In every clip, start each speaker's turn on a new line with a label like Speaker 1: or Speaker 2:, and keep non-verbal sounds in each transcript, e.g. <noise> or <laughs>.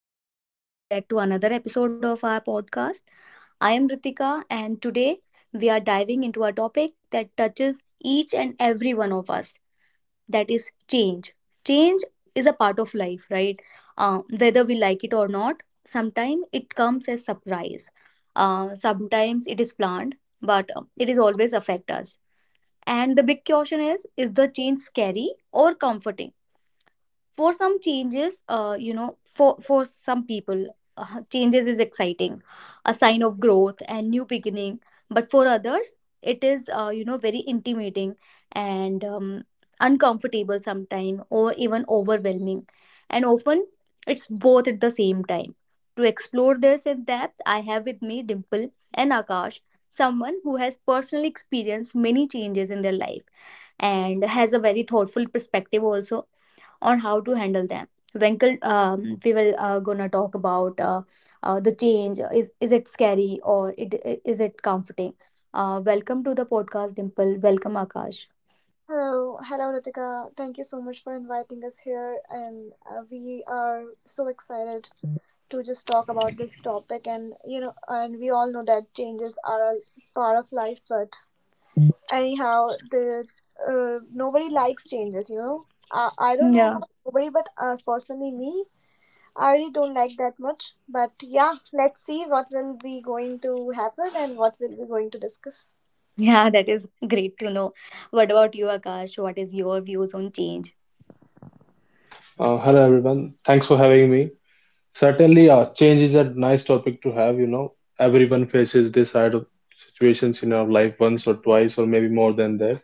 Speaker 1: and welcome back to another episode of our podcast. I am Ritika, and today we are diving into a topic that touches each and every one of us, that is change. Change is a part of life, right? Whether we like it or not, sometimes it comes as surprise. Sometimes it is planned, but it is always affect us. And the big question is the change scary or comforting? For some changes for some people, changes is exciting, a sign of growth and new beginning, but for others it is very intimidating, and uncomfortable sometimes, or even overwhelming, and often it's both at the same time. To explore this in depth, I have with me Dimple and Akash, someone who has personally experienced many changes in their life and has a very thoughtful perspective also on how to handle them. Winkle, we will gonna talk about the change. Is it scary or is it comforting? Welcome to the podcast, Dimple. Welcome, Akash.
Speaker 2: Hello, hello Ritika. Thank you so much for inviting us here, and we are so excited to just talk about this topic. And you know, and we all know that changes are a part of life, but anyhow, the nobody likes changes. You know, I don't know
Speaker 1: Yeah,
Speaker 2: about nobody, but personally me, I really don't like that much. But yeah, let's see what will be going to happen and what will be going to discuss.
Speaker 1: yeah, that is great to know. What about you, Akash? What is your views on change?
Speaker 3: Hello everyone. Thanks for having me. Certainly, change is a nice topic to have. You know, everyone faces this side of situations in our life once or twice, or maybe more than that.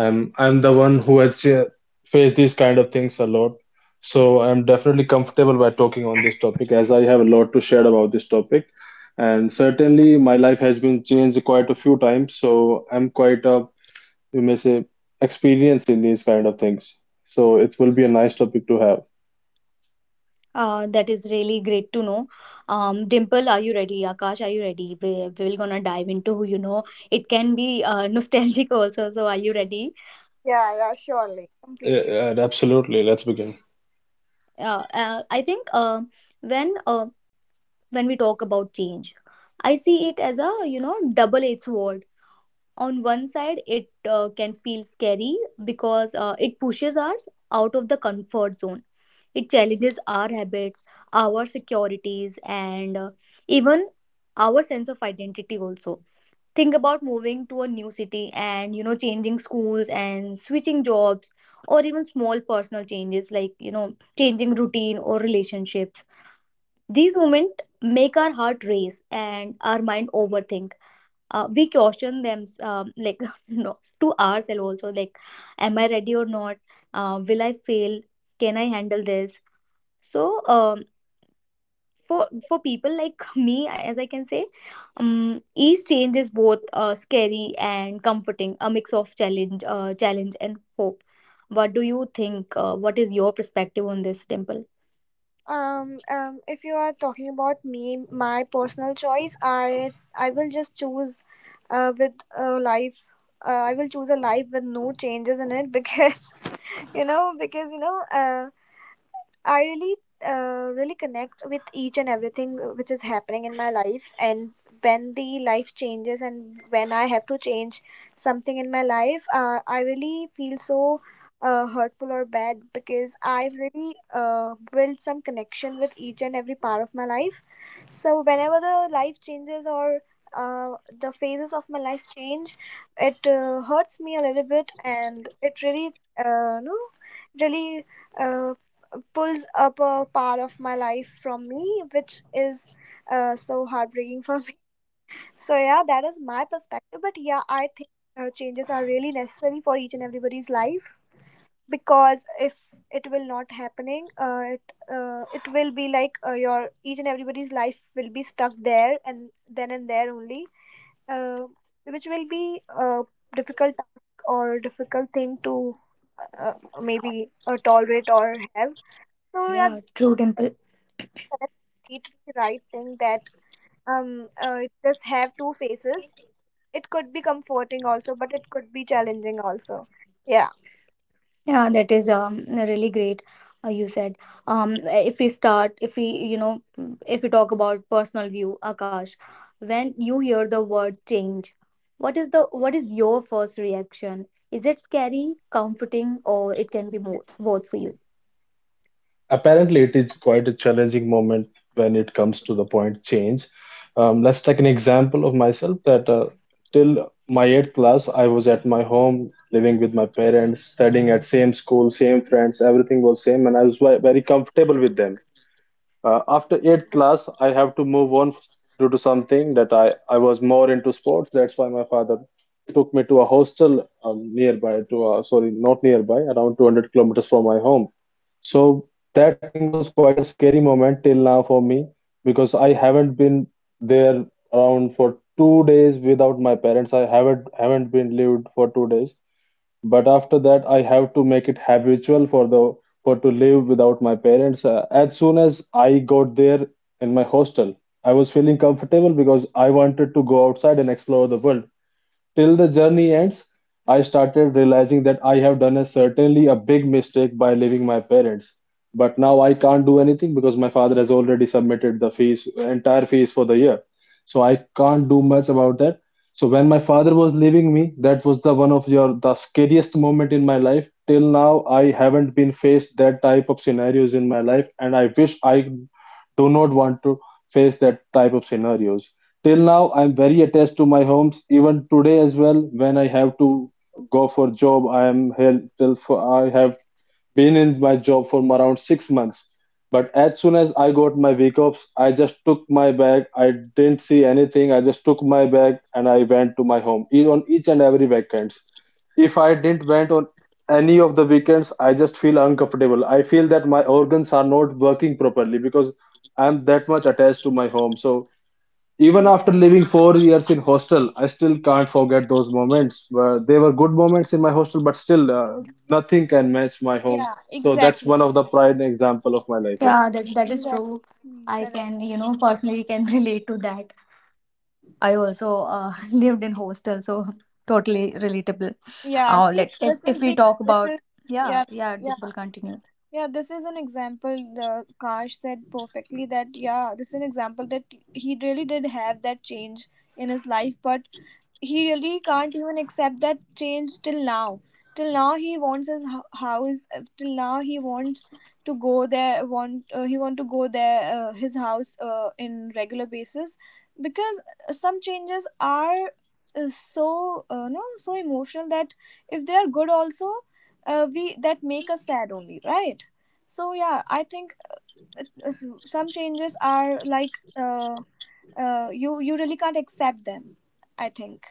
Speaker 3: I'm the one who has faced these kind of things a lot, so I'm definitely comfortable by talking on this topic as I have a lot to share about this topic. And certainly, my life has been changed quite a few times, so I'm quite a, you may say, experienced in these kind of things. So it will be a nice topic to have.
Speaker 1: That is really great to know. Dimple, are you ready? Akash, are you ready? We will gonna dive into, you know, it can be <laughs> nostalgic also. So are you ready?
Speaker 2: Yeah, yeah, surely,
Speaker 3: Yeah,
Speaker 2: completely.
Speaker 3: yeah, absolutely. Let's begin.
Speaker 1: I think when um when we talk about change, I see it as a, you know, double edged sword. On one side, it can feel scary because it pushes us out of the comfort zone, it challenges our habits, our securities, and even our sense of identity also. Think about moving to a new city, and you know, changing schools and switching jobs, or even small personal changes like, you know, changing routine or relationships. These moments make our heart race and our mind overthink. We caution them, like <laughs> no, to ourselves also, like, am I ready or not? Will I fail? Can I handle this? So, for people like <laughs> me, as I can say, each change is both scary and comforting, a mix of challenge, challenge and hope. What do you think? What is your perspective on this, Dimple?
Speaker 2: If you are talking about me, my personal choice, I will just choose, with a life. I will choose a life with no changes in it because <laughs> you know because I really, really connect with each and everything which is happening in my life. And when the life changes and when I have to change something in my life, I really feel so hurtful or bad because I have really built some connection with each and every part of my life. So whenever the life changes or the phases of my life change, it hurts me a little bit, and it really, no, really. Uh, Pulls up a part of my life from me, which is so heartbreaking for me. <laughs> So, yeah, that is my perspective. But, yeah, I think changes are really necessary for each and everybody's life because if it will not happening it it will be like your each and everybody's life will be stuck there and then and there only, uh, which will be a difficult task or difficult thing to uh, maybe tolerate or have. So yeah,
Speaker 1: Yeah, true, Dimple.
Speaker 2: a completely right thing that it does have two faces. It could be comforting also, but it could be challenging also. Yeah.
Speaker 1: Yeah, that is really great. You said if we start, if we, you know, if we talk about personal view, Akash, when you hear the word change, what is the, what is your first reaction? Is it scary, comforting, or it can be more, both for you?
Speaker 3: Apparently, it is quite a challenging moment when it comes to the point change. Let's take an example of myself that till my eighth class, I was at my home, living with my parents, studying at same school, same friends, everything was same, and I was very comfortable with them. After eighth class, I have to move on due to something that I was more into sports. That's why my father took me to a hostel nearby, to a, sorry, not nearby, around 200 kilometers from my home. So that thing was quite a scary moment till now for me because I haven't been there around for 2 days without my parents. I haven't been lived for 2 days. But after that, I have to make it habitual for the for to live without my parents. As soon as I got there in my hostel, I was feeling comfortable because I wanted to go outside and explore the world. Till the journey ends, I started realizing that I have done a certainly a big mistake by leaving my parents. But now I can't do anything because my father has already submitted the fees, entire fees for the year. So I can't do much about that. So when my father was leaving me, that was the one of your the scariest moment in my life. Till now, I haven't been faced that type of scenarios in my life, and I wish I do not want to face that type of scenarios. Till now, I'm very attached to my homes. Even today as well, when I have to go for job, I am here till for, I have been in my job for around 6 months. But as soon as I got my week offs, I just took my bag. I didn't see anything. I just took my bag and I went to my home on each and every weekends. If I didn't went on any of the weekends, I just feel uncomfortable. I feel that my organs are not working properly because I'm that much attached to my home. So even
Speaker 2: Yeah,
Speaker 3: after living 4 years in hostel, I still can't forget those moments. They were good moments in my hostel, but still, nothing can match my home.
Speaker 2: yeah,
Speaker 3: So that's
Speaker 2: exactly.
Speaker 3: one of the pride example of my life. Yeah,
Speaker 1: Yeah, that that is true.
Speaker 2: Exactly.
Speaker 1: I can,
Speaker 2: Correct.
Speaker 1: you know, personally can <laughs> relate to that. I also <laughs> lived in hostel, so totally relatable.
Speaker 2: Yeah, see,
Speaker 1: Let us, if
Speaker 2: this
Speaker 1: if
Speaker 2: is
Speaker 1: we
Speaker 2: the
Speaker 1: talk
Speaker 2: this
Speaker 1: about,
Speaker 2: is
Speaker 1: yeah
Speaker 2: yeah,
Speaker 1: yeah,
Speaker 2: yeah.
Speaker 1: Dimple continue.
Speaker 2: Yeah, this is an example. The Kash said perfectly that yeah, this is an example that he really did have that change in his life, but he really can't even accept that change till now. Till now he wants his house, till now he wants to go there, want he want to go there, his house, in regular basis because some changes are so no, so emotional that if they are good also, we, that make us sad only, right? So yeah, I think some changes are like you really can't accept them, I think.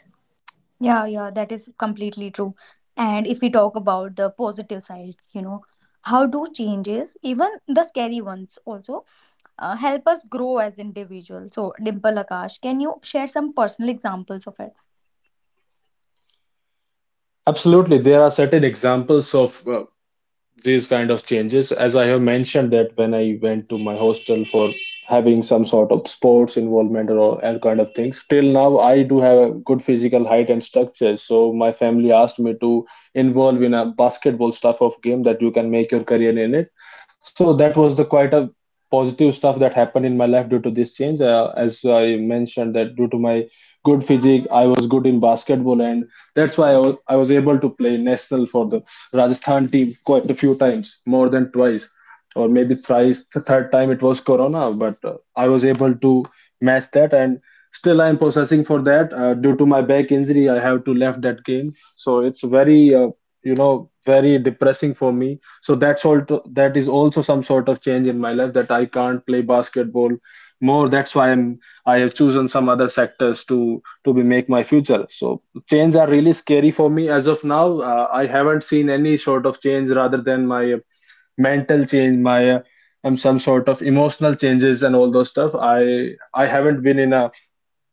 Speaker 1: Yeah, yeah, that is completely true. And if we talk about the positive sides, you know, how do changes, even the scary ones also, help us grow as individuals? So, Dimple, Akash, can you share some personal examples of it?
Speaker 3: absolutely. There are certain examples of these kind of changes as I have mentioned that when I went to my hostel for having some sort of sports involvement or all kind of things, till now I do have a good physical height and structure, so my family asked me to involve in a basketball stuff of game that you can make your career in it. So that was the quite a positive stuff that happened in my life due to this change, as I mentioned that due to my good physique I was good in basketball, and that's why I was able to play national for the Rajasthan team quite a few times, more than twice, or maybe thrice. The third time it was Corona, but I was able to match that, and still I am processing for that. Due to my back injury, I have to left that game, so it's very, you know, very depressing for me. So that's all. To, that is also some sort of change in my life that I can't play basketball more. That's why I have chosen some other sectors to be make my future. So chains are really scary for me as of now. I haven't seen any sort of change rather than my, mental change, my, some sort of emotional changes and all those stuff. I haven't been in a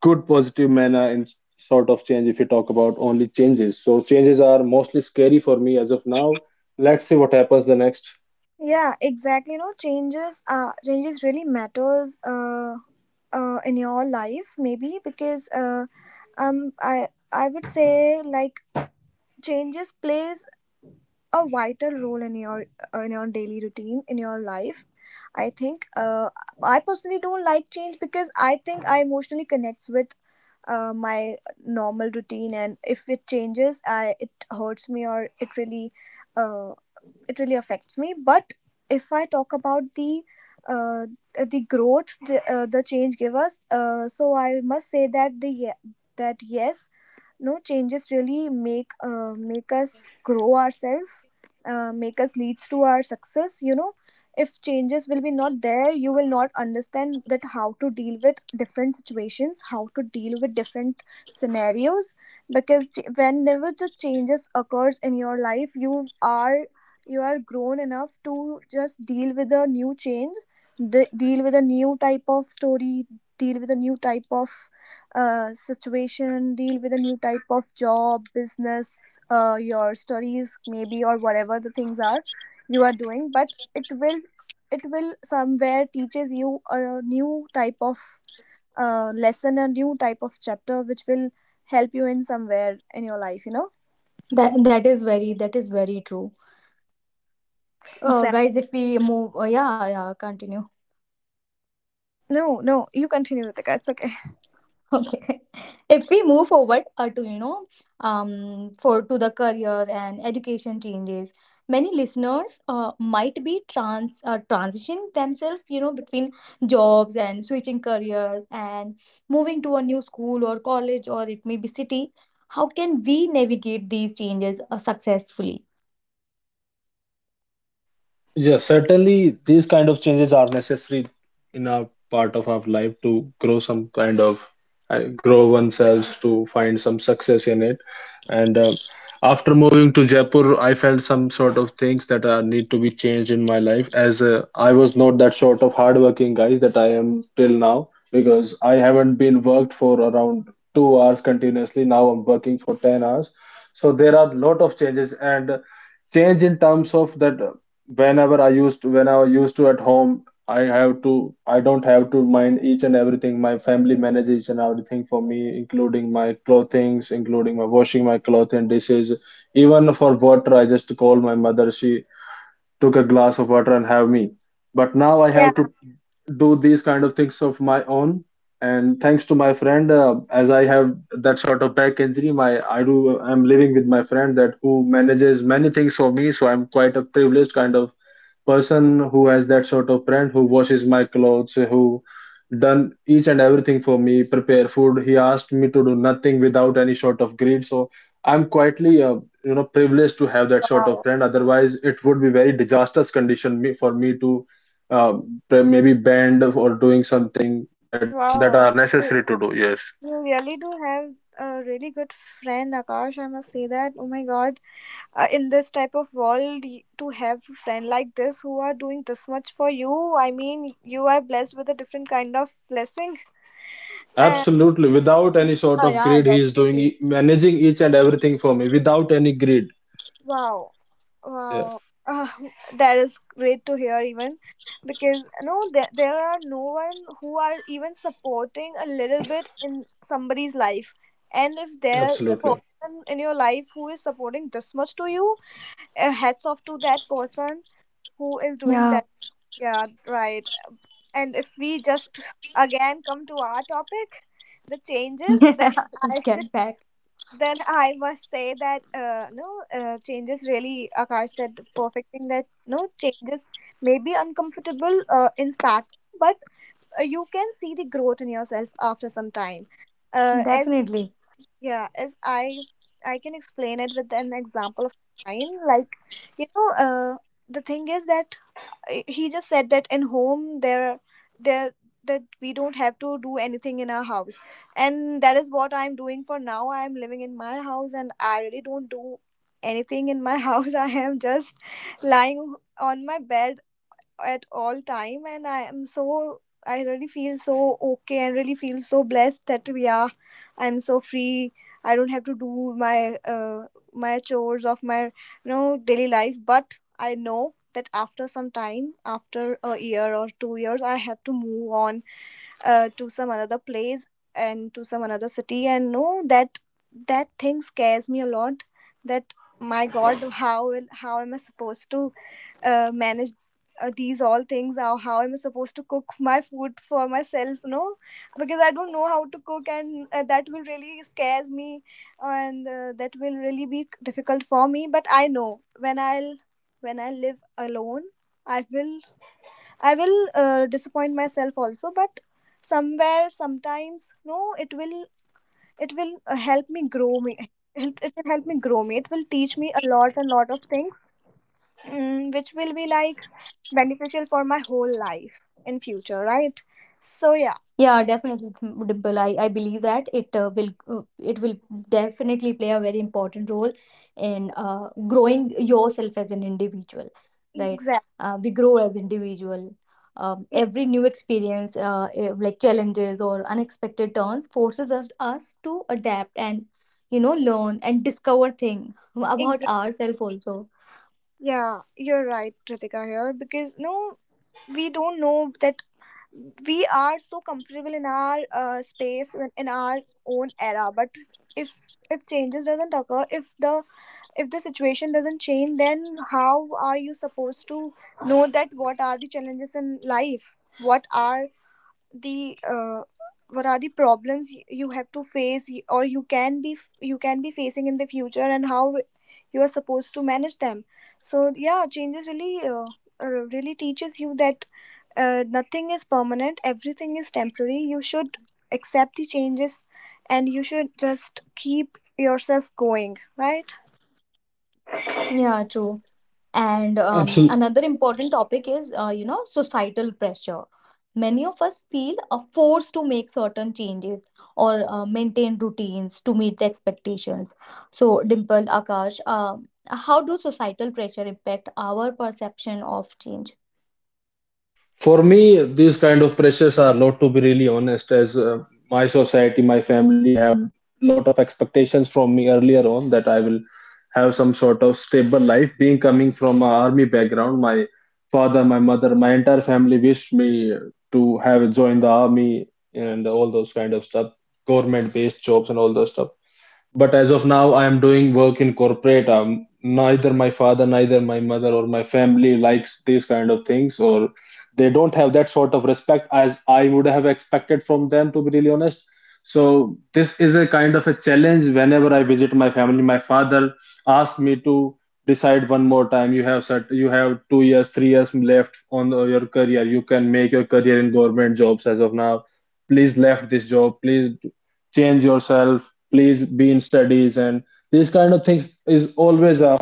Speaker 3: good positive manner in sort of change if you talk about only changes. So changes are mostly scary for me as of now. Let's see what happens the next.
Speaker 2: Yeah, exactly, you know, changes really matters, in your life maybe because um i I would say like changes plays a vital role in your daily routine in your life. I think I personally don't like change because I think I emotionally connects with my normal routine, and if it changes, I it hurts me or uh, it really affects me. But if I talk about uh, the growth the change give us, so I must say that the ye- that yes, no changes really make make us grow ourselves, make us leads to our success, you know. If changes will be not there, you will not understand that how to deal with different situations, how to deal with different scenarios, because whenever the changes occurs in your life, you are, you are grown enough to just deal with a new change, deal with a new type of story, deal with a new type of situation, deal with a new type of job, business, your studies maybe, or whatever the things are you are doing. But it will, it will somewhere teaches you a new type of lesson, a new type of chapter, which will help you in somewhere in your life, you know.
Speaker 1: That, that is very, that is very true.
Speaker 2: Exactly.
Speaker 1: Guys, if we move, yeah, yeah, continue.
Speaker 2: No no, you continue, with it's okay.
Speaker 1: Okay. <laughs> If we move forward to, you know, for to the career and education changes, many listeners might be transitioning themselves, you know, between jobs and switching careers, and moving to a new school or college, or it may be city. How can we navigate these changes successfully?
Speaker 3: Yeah, certainly these kind of changes are necessary in our part of our life to grow some kind of, grow oneself to find some success in it. And after moving to Jaipur, I felt some sort of things that are need to be changed in my life as, I was not that sort of hardworking guy that I am till now because I haven't been worked for around 2 hours continuously. Now I'm working for 10 hours. So there are lot of changes and change in terms of that whenever when I used to at home, I don't have to mind each and everything. My family manages each and everything for me, including my clothings, including my washing my clothes and dishes. Even for water, I just call my mother. She took a glass of water and have me. But now
Speaker 2: Yeah.
Speaker 3: I have to do these kind of things of my own. And thanks to my friend, as I have that sort of back injury, my I do I'm living with my friend that who manages many things for me. So I'm quite a privileged kind of person who has that sort of friend who washes my clothes, who done each and everything for me, prepare food. He asked me to do nothing without any sort of greed. So I'm quietly, you know, privileged to have that sort of
Speaker 2: Wow,
Speaker 3: friend, otherwise it would be very disastrous condition me, for me to, uh, maybe bend or doing something that that are
Speaker 2: wow. you,
Speaker 3: necessary to do. Yes,
Speaker 2: you really do have a really good friend Akash, I must say that. Oh my god, in this type of world, to have a friend like this who are doing this much for you, I mean you are blessed with a different kind of blessing. And
Speaker 3: absolutely. Without any sort
Speaker 1: Yeah,
Speaker 3: of
Speaker 1: yeah,
Speaker 3: greed, he is doing
Speaker 1: definitely.
Speaker 3: managing each and everything for me without any greed.
Speaker 2: wow,
Speaker 3: Yeah,
Speaker 2: wow. uh, that is great to hear. Even because no, there are no one who are even supporting a little bit in somebody's life, and if there is a
Speaker 3: absolutely.
Speaker 2: person in your life who is supporting this much to you, hats off to that person who is doing
Speaker 1: Yeah.
Speaker 2: that. Yeah, right. And if we just again come to our topic, the changes, then
Speaker 1: <laughs>
Speaker 2: I
Speaker 1: Get back.
Speaker 2: <laughs> then I must say that no changes really, Akash said perfecting that no changes may be uncomfortable in start, but you can see the growth in yourself after some time, as
Speaker 1: Definitely.
Speaker 2: yeah, as I can explain it with an example of mine. Like you know the thing is that he just said that in home there there that we don't have to do anything in our house, and that is what I'm doing for now. I'm living in my house and I really don't do anything in my <laughs> house. I am just lying on my bed at all time, and I am so, I really feel so okay and really feel so blessed that yeah, I'm so free. I don't have to do my my chores of my, you know, daily life. But I know that after some time, after a year or 2 years, I have to move on to some another place and to some another city. And no, that that thing scares me a lot. That my god, how will, how am I supposed to manage these all things? How am I supposed to cook <laughs> my food for myself? No, because I don't know how to cook, and that will really scares me, and that will really be difficult for me. But I know when I live alone, i will I will disappoint myself also, but somewhere, sometimes, no, it will help me grow me. It will help me grow me. It will teach me a lot and lot of things, which will be like beneficial for my whole life in future, right? So yeah,
Speaker 1: Yeah, definitely, Dimple. I believe that it will it will definitely play a very important role in growing yourself as an individual, right?
Speaker 2: exactly.
Speaker 1: We grow as individual. Every new experience, like challenges or unexpected turns, forces us to adapt and, you know, learn and discover thing about ourselves also.
Speaker 2: Yeah, you're right, Ritika here, because no, we don't know that we are so comfortable in our space, in our own era. But if if changes doesn't occur, if the, if the situation doesn't change, then how are you supposed to know that what are the challenges in life, what are the uh, what are the problems you have to face, or you can be you can be facing in the future, and how you are supposed to manage them? So yeah, changes really really teaches you that nothing is permanent, everything is temporary. You should accept the changes and you should just keep yourself going, right?
Speaker 1: Yeah, true. And another important topic is, you know, societal pressure. Many of us feel a force to make certain changes, or maintain routines to meet the expectations. So, Dimple, Akash, how do societal pressure impact our perception of change?
Speaker 3: For me, these kind of pressures are lot to be really honest, as, my society, my family have lot of expectations from me earlier on that I will have some sort of stable life. Being coming from an army background, my father, my mother, my entire family wished me to have joined the army and all those kind of stuff, government-based jobs and all those stuff. But as of now, I am doing work in corporate. Neither my father, neither my mother or my family likes these kind of things, or they don't have that sort of respect as I would have expected from them, to be really honest. So this is a kind of a challenge whenever I visit my family. My father asked me to decide one more time. You have set, you have 2 years, 3 years left on, your career. You can make your career in government jobs as of now. Please left this job. Please change yourself, please be in studies, and these kind of things is always a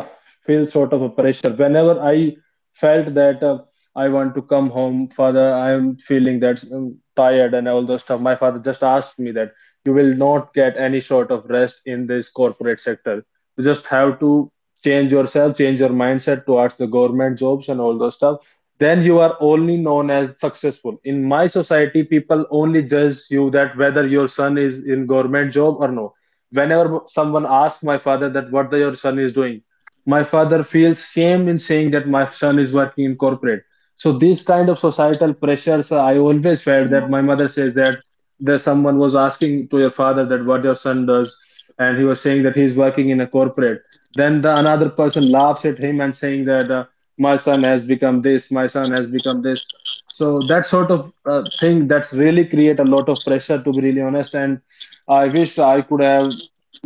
Speaker 3: feel sort of a pressure whenever I felt that, I want to come home father. I am feeling that, tired and all those stuff. My father just asked me that you will not get any sort of rest in this corporate sector. You just have to change yourself, change your mindset towards the government jobs and all those stuff. Then you are only known as successful in my society. People only judge you that whether your son is in government job or no. Whenever someone asks my father that what the, your son is doing, my father feels shame in saying that my son is working in corporate. So these kind of societal pressures, I always felt that my mother says that there someone was asking to your father that what your son does, and he was saying that he's working in a corporate. Then the another person laughs at him and saying that, my son has become this, my son has become this. So that sort of, thing that's really create a lot of pressure to be really honest. And I wish I could have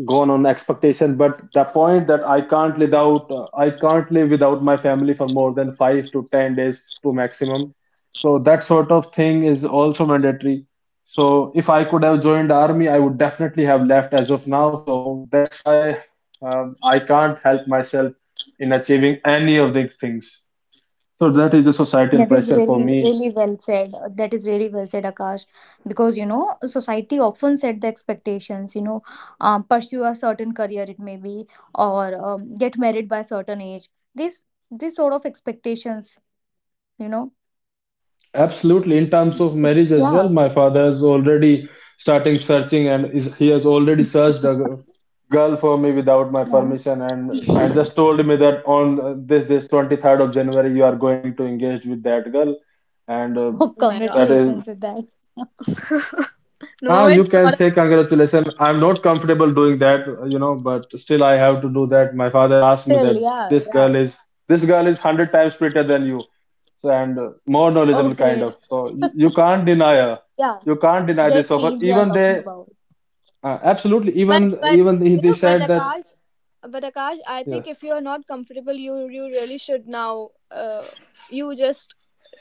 Speaker 3: gone on expectation, but the point that I can't live without my family for more than 5 to 10 days to maximum. So that sort of thing is also mandatory. So if I could have joined army, I would definitely have left as of now. So that's why I can't help myself in achieving any of these things. So that is the societal
Speaker 1: That is
Speaker 3: pressure for
Speaker 1: really,
Speaker 3: me.
Speaker 1: really well said. That is really well said, Akash. Because, you know, society often set the expectations, you know, pursue a certain career, it may be, or get married by a certain age. These, these sort of expectations, you know.
Speaker 3: Absolutely. In terms of marriage as well,
Speaker 1: Yeah,
Speaker 3: my father is already starting searching and is, he has already searched girl for me without my
Speaker 1: yeah.
Speaker 3: permission. And just told me that on this 23rd of January you are going to engage with that girl. and uh,
Speaker 1: <laughs> Oh,
Speaker 3: that is
Speaker 1: congratulations with that. <laughs>
Speaker 3: ah, you can say congratulations. I'm not comfortable doing that, you know, but still I have to do that. My father asked me
Speaker 1: Still,
Speaker 3: that
Speaker 1: yeah,
Speaker 3: this girl
Speaker 1: yeah.
Speaker 3: is this girl is 100 times prettier than you. So and more
Speaker 1: Oh,
Speaker 3: knowledgeable kind of.
Speaker 1: great.
Speaker 3: So
Speaker 1: Yeah,
Speaker 3: you can't deny this
Speaker 1: that
Speaker 3: offer.
Speaker 1: change we are
Speaker 3: Even
Speaker 1: talking
Speaker 3: they
Speaker 1: about.
Speaker 3: absolutely,
Speaker 2: but
Speaker 3: even
Speaker 2: but
Speaker 3: even they
Speaker 2: you
Speaker 3: they
Speaker 2: know,
Speaker 3: said that.
Speaker 2: But Akash, I
Speaker 3: Yeah,
Speaker 2: think if you are not comfortable, you really should now. You just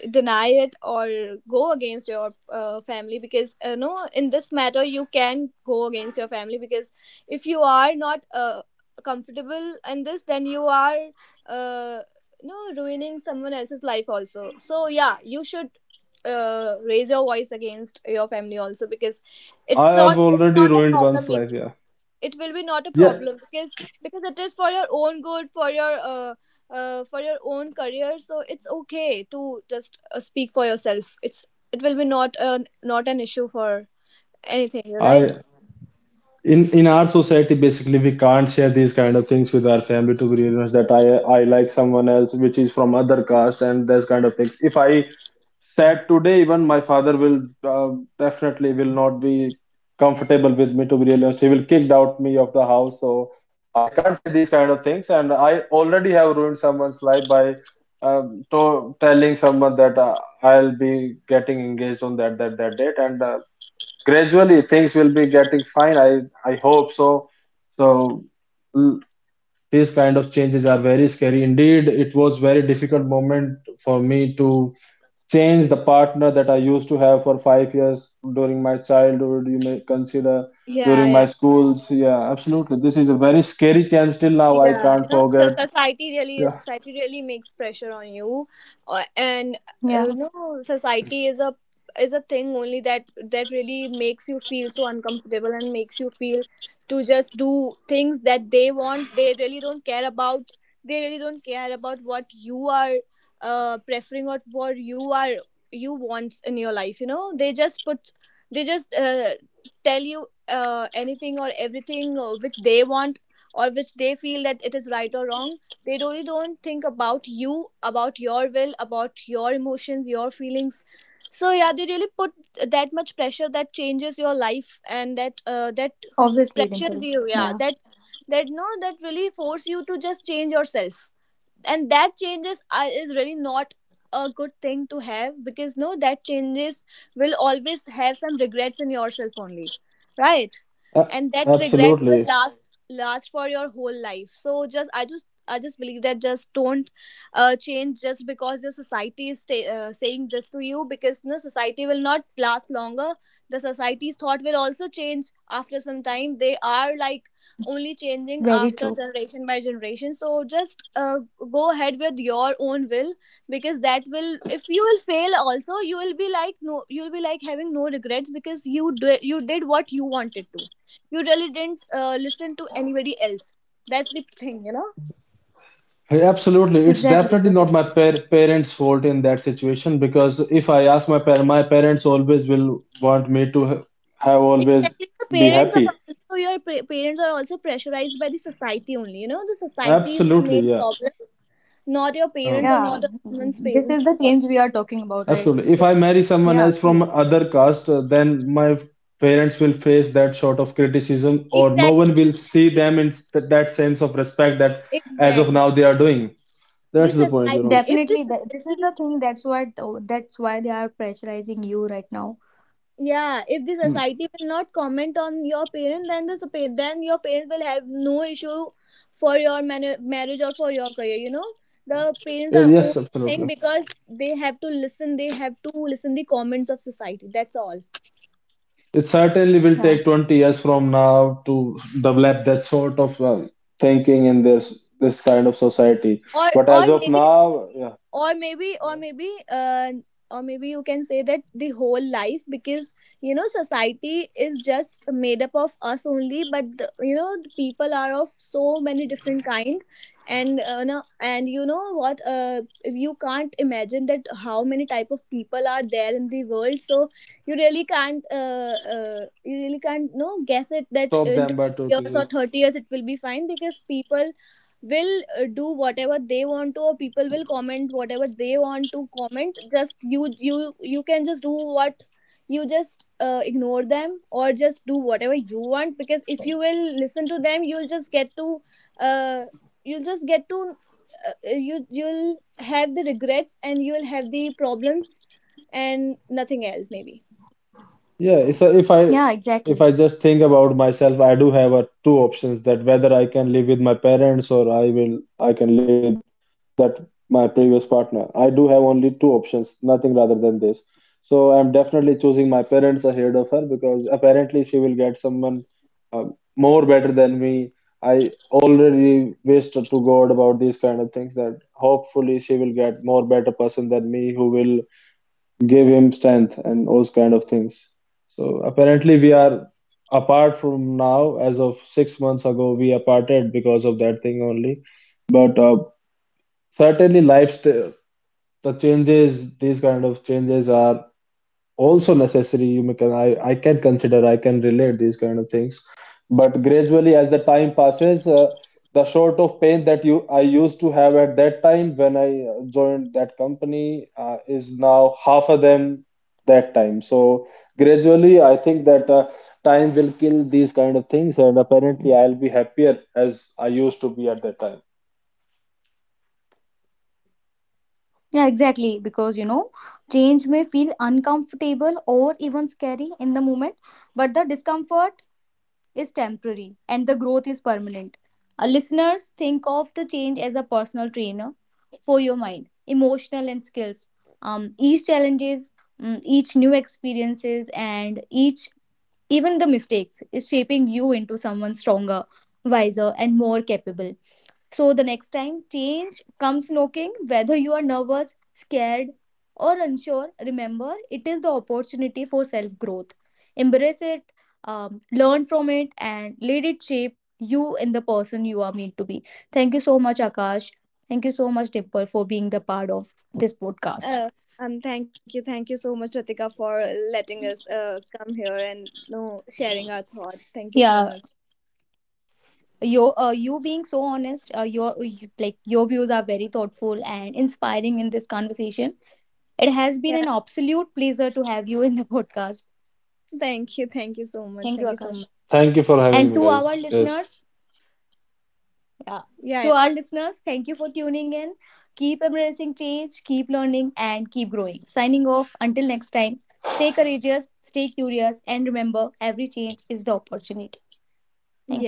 Speaker 2: deny it or go against your family, because you know in this matter you can go against your family, because if you are not comfortable in this, then you are uh, you know, ruining someone else's life also. So yeah, you should raise your voice against your family also, because
Speaker 3: I have
Speaker 2: it's
Speaker 3: already
Speaker 2: not a
Speaker 3: ruined
Speaker 2: problem
Speaker 3: one's life.
Speaker 2: maybe,
Speaker 3: Yeah,
Speaker 2: it will be not a
Speaker 3: yeah.
Speaker 2: problem, because it is for your own good, for your own career. So it's okay to just speak for yourself. It will be not a, not an issue for anything, you're right.
Speaker 3: I in in our society basically we can't share these kind of things with our family, to be honest, that I like someone else which is from other caste, and those kind of things. If I sad today, even my father will definitely will not be comfortable with me, to be real honest. He will kick out me of the house. So I can't say these kind of things, and I already have ruined someone's life by to telling someone that I'll be getting engaged on that date. And gradually things will be getting fine, I hope so. So l- these kind of changes are very scary indeed. It was very difficult moment for me to change the partner that I used to have for 5 years during my childhood, you may consider,
Speaker 2: Yeah,
Speaker 3: during
Speaker 2: yeah,
Speaker 3: my schools. Yeah, absolutely. This is a very scary change till now. I
Speaker 2: yeah, you
Speaker 3: can't
Speaker 2: know,
Speaker 3: forget.
Speaker 2: society really,
Speaker 3: Yeah,
Speaker 2: society really makes pressure on you, and
Speaker 1: Yeah,
Speaker 2: no society is a, is a thing only that that really makes you feel so uncomfortable and makes you feel to just do things that they want. They really don't care about, they really don't care about what you are preferring, or what you are, you wants in your life, you know. They just put, they just tell you anything or everything which they want, or which they feel that it is right or wrong. They really don't think about you, about your will, about your emotions, your feelings. So yeah, they really put that much pressure that changes your life, and that
Speaker 1: obviously,
Speaker 2: pressures
Speaker 1: Dimple.
Speaker 2: you. Yeah,
Speaker 1: Yeah,
Speaker 2: that, that no, that really force you to just change yourself, and that changes is really not a good thing to have, because no, that changes will always have some regrets in yourself only, right?
Speaker 3: a-
Speaker 2: And that regret will
Speaker 3: absolutely.
Speaker 2: last for your whole life. So just I just believe that just don't change just because your society is saying this to you, because no, society will not last longer. The society's thought will also change after some time. They are like only changing
Speaker 1: very
Speaker 2: after
Speaker 1: true.
Speaker 2: generation by generation. So just go ahead with your own will, because that will, if you will fail also, you will be like no, you'll be like having no regrets, because you did what you wanted to. You really didn't listen to anybody else, that's the thing, you know.
Speaker 3: Hey, absolutely. It's
Speaker 1: Exactly.
Speaker 3: definitely
Speaker 1: This
Speaker 3: not my
Speaker 1: is,
Speaker 3: par parents' fault in that situation, because if I ask my parents, always will want me to ha have always
Speaker 2: Exactly, your
Speaker 3: be
Speaker 2: parents are
Speaker 3: happy.
Speaker 2: also, parents are also pressurized by the society only. You know, the society is the
Speaker 3: Absolutely,
Speaker 2: main
Speaker 3: yeah.
Speaker 2: problem, not your
Speaker 1: yeah,
Speaker 2: parents
Speaker 3: Um,
Speaker 2: or not
Speaker 1: this is
Speaker 2: someone's
Speaker 1: the change
Speaker 2: parents
Speaker 1: we are
Speaker 2: or
Speaker 1: talking about, right?
Speaker 3: absolutely. If I
Speaker 2: <laughs>
Speaker 3: marry
Speaker 1: Yeah,
Speaker 3: someone
Speaker 1: true.
Speaker 3: else from other caste, then my parents will face that sort of criticism,
Speaker 2: yeah,
Speaker 3: or no
Speaker 2: exactly,
Speaker 3: one will see them in that sense of respect that as of
Speaker 2: exactly,
Speaker 3: now they are doing.
Speaker 2: the
Speaker 3: That's the point, you know.
Speaker 2: society, if the
Speaker 1: Definitely, th this is the
Speaker 2: society,
Speaker 1: thing. That's what, oh, that's why they are pressurizing you right now.
Speaker 2: yeah, if the
Speaker 3: Mm.
Speaker 2: society will not comment on your parent, then the then your parent will have no issue for your marriage or for your career, you know. The parents are own
Speaker 3: Yes,
Speaker 2: thing
Speaker 3: absolutely.
Speaker 2: because they have to listen, they have to listen the comments of society, that's all.
Speaker 3: It certainly will
Speaker 1: Yeah.
Speaker 3: take 20 years from now to develop that sort of thinking in this side of society.
Speaker 2: Or
Speaker 3: But as of now, yeah,
Speaker 2: or maybe or
Speaker 3: yeah.
Speaker 2: maybe uh, or maybe you can say that the whole life, because you know, society is just made up of us only. But the, you know, the people are of so many different kind, and no, and you know what, you can't imagine that how many type of people are there in the world. So you really can't you really can't, no, guess it that
Speaker 3: Stop
Speaker 2: in
Speaker 3: them by
Speaker 2: 20
Speaker 3: talking.
Speaker 2: years or
Speaker 3: Yes.
Speaker 2: 30 years it will be fine, because people will do whatever they want to, or people will comment whatever they want to comment. Just you can just do what, you just ignore them or just do whatever you want, because if you will listen to them, you'll just get to uh, you'll just get to you, you'll have the regrets and you'll have the problems and nothing else maybe.
Speaker 3: Yeah, it's a,
Speaker 1: Yeah,
Speaker 3: if
Speaker 1: exactly.
Speaker 3: I just think about myself, I do have a two options, that whether I can live with my parents or I can live with that my previous partner. I do have only two options, nothing rather than this. So I'm definitely choosing my parents ahead of her, because apparently she will get someone uh, more better than me. I already wished to God about these kind of things, that hopefully she will get more better person than me, who will give him strength and those kind of things. So apparently we are apart from now. As of 6 months ago, we are parted because of that thing only. But certainly, the changes, these kind of changes are also necessary. You may can I can consider, I can relate these kind of things. But gradually as the time passes, the sort of pain that you I used to have at that time when I joined that company is now half of them that time. So gradually I think that time will kill these kind of things, and apparently I'll be happier as I used to be at that time.
Speaker 1: Yeah, exactly. Because, you know, change may feel uncomfortable or even scary in the moment, but the discomfort is temporary and the growth is permanent. Listeners, think of the change as a personal trainer for your mind, emotional and skills. Each challenges, mm, each new experiences, and each even the mistakes is shaping you into someone stronger, wiser, and more capable. So the next time change comes knocking, whether you are nervous, scared, or unsure, remember it is the opportunity for self growth. Embrace it, learn from it, and let it shape you in the person you are meant to be. Thank you so much, Akash. Thank you so much, Dimple, for being the part of this podcast.
Speaker 2: uh, Thank you, thank you so much Ratika for letting us come here and no sharing our thought. Thank you so
Speaker 1: Yeah,
Speaker 2: much.
Speaker 1: you you being so honest, like your views are very thoughtful and inspiring in this conversation. It has
Speaker 2: Yeah.
Speaker 1: been an absolute pleasure to have you in the <laughs> podcast.
Speaker 2: Thank you. Thank you so much. Thank you
Speaker 1: Thank you,
Speaker 2: so much.
Speaker 1: Akash.
Speaker 3: Thank you for having
Speaker 1: And
Speaker 3: me,
Speaker 1: to
Speaker 3: guys.
Speaker 1: our
Speaker 3: Yes.
Speaker 1: listeners, yeah,
Speaker 2: Yeah. Yeah.
Speaker 1: to our listeners, thank you for tuning in. Keep embracing change, keep learning, and keep growing. Signing off until next time. Stay courageous, stay curious, and remember every change is the opportunity. Thank you.
Speaker 2: Yeah,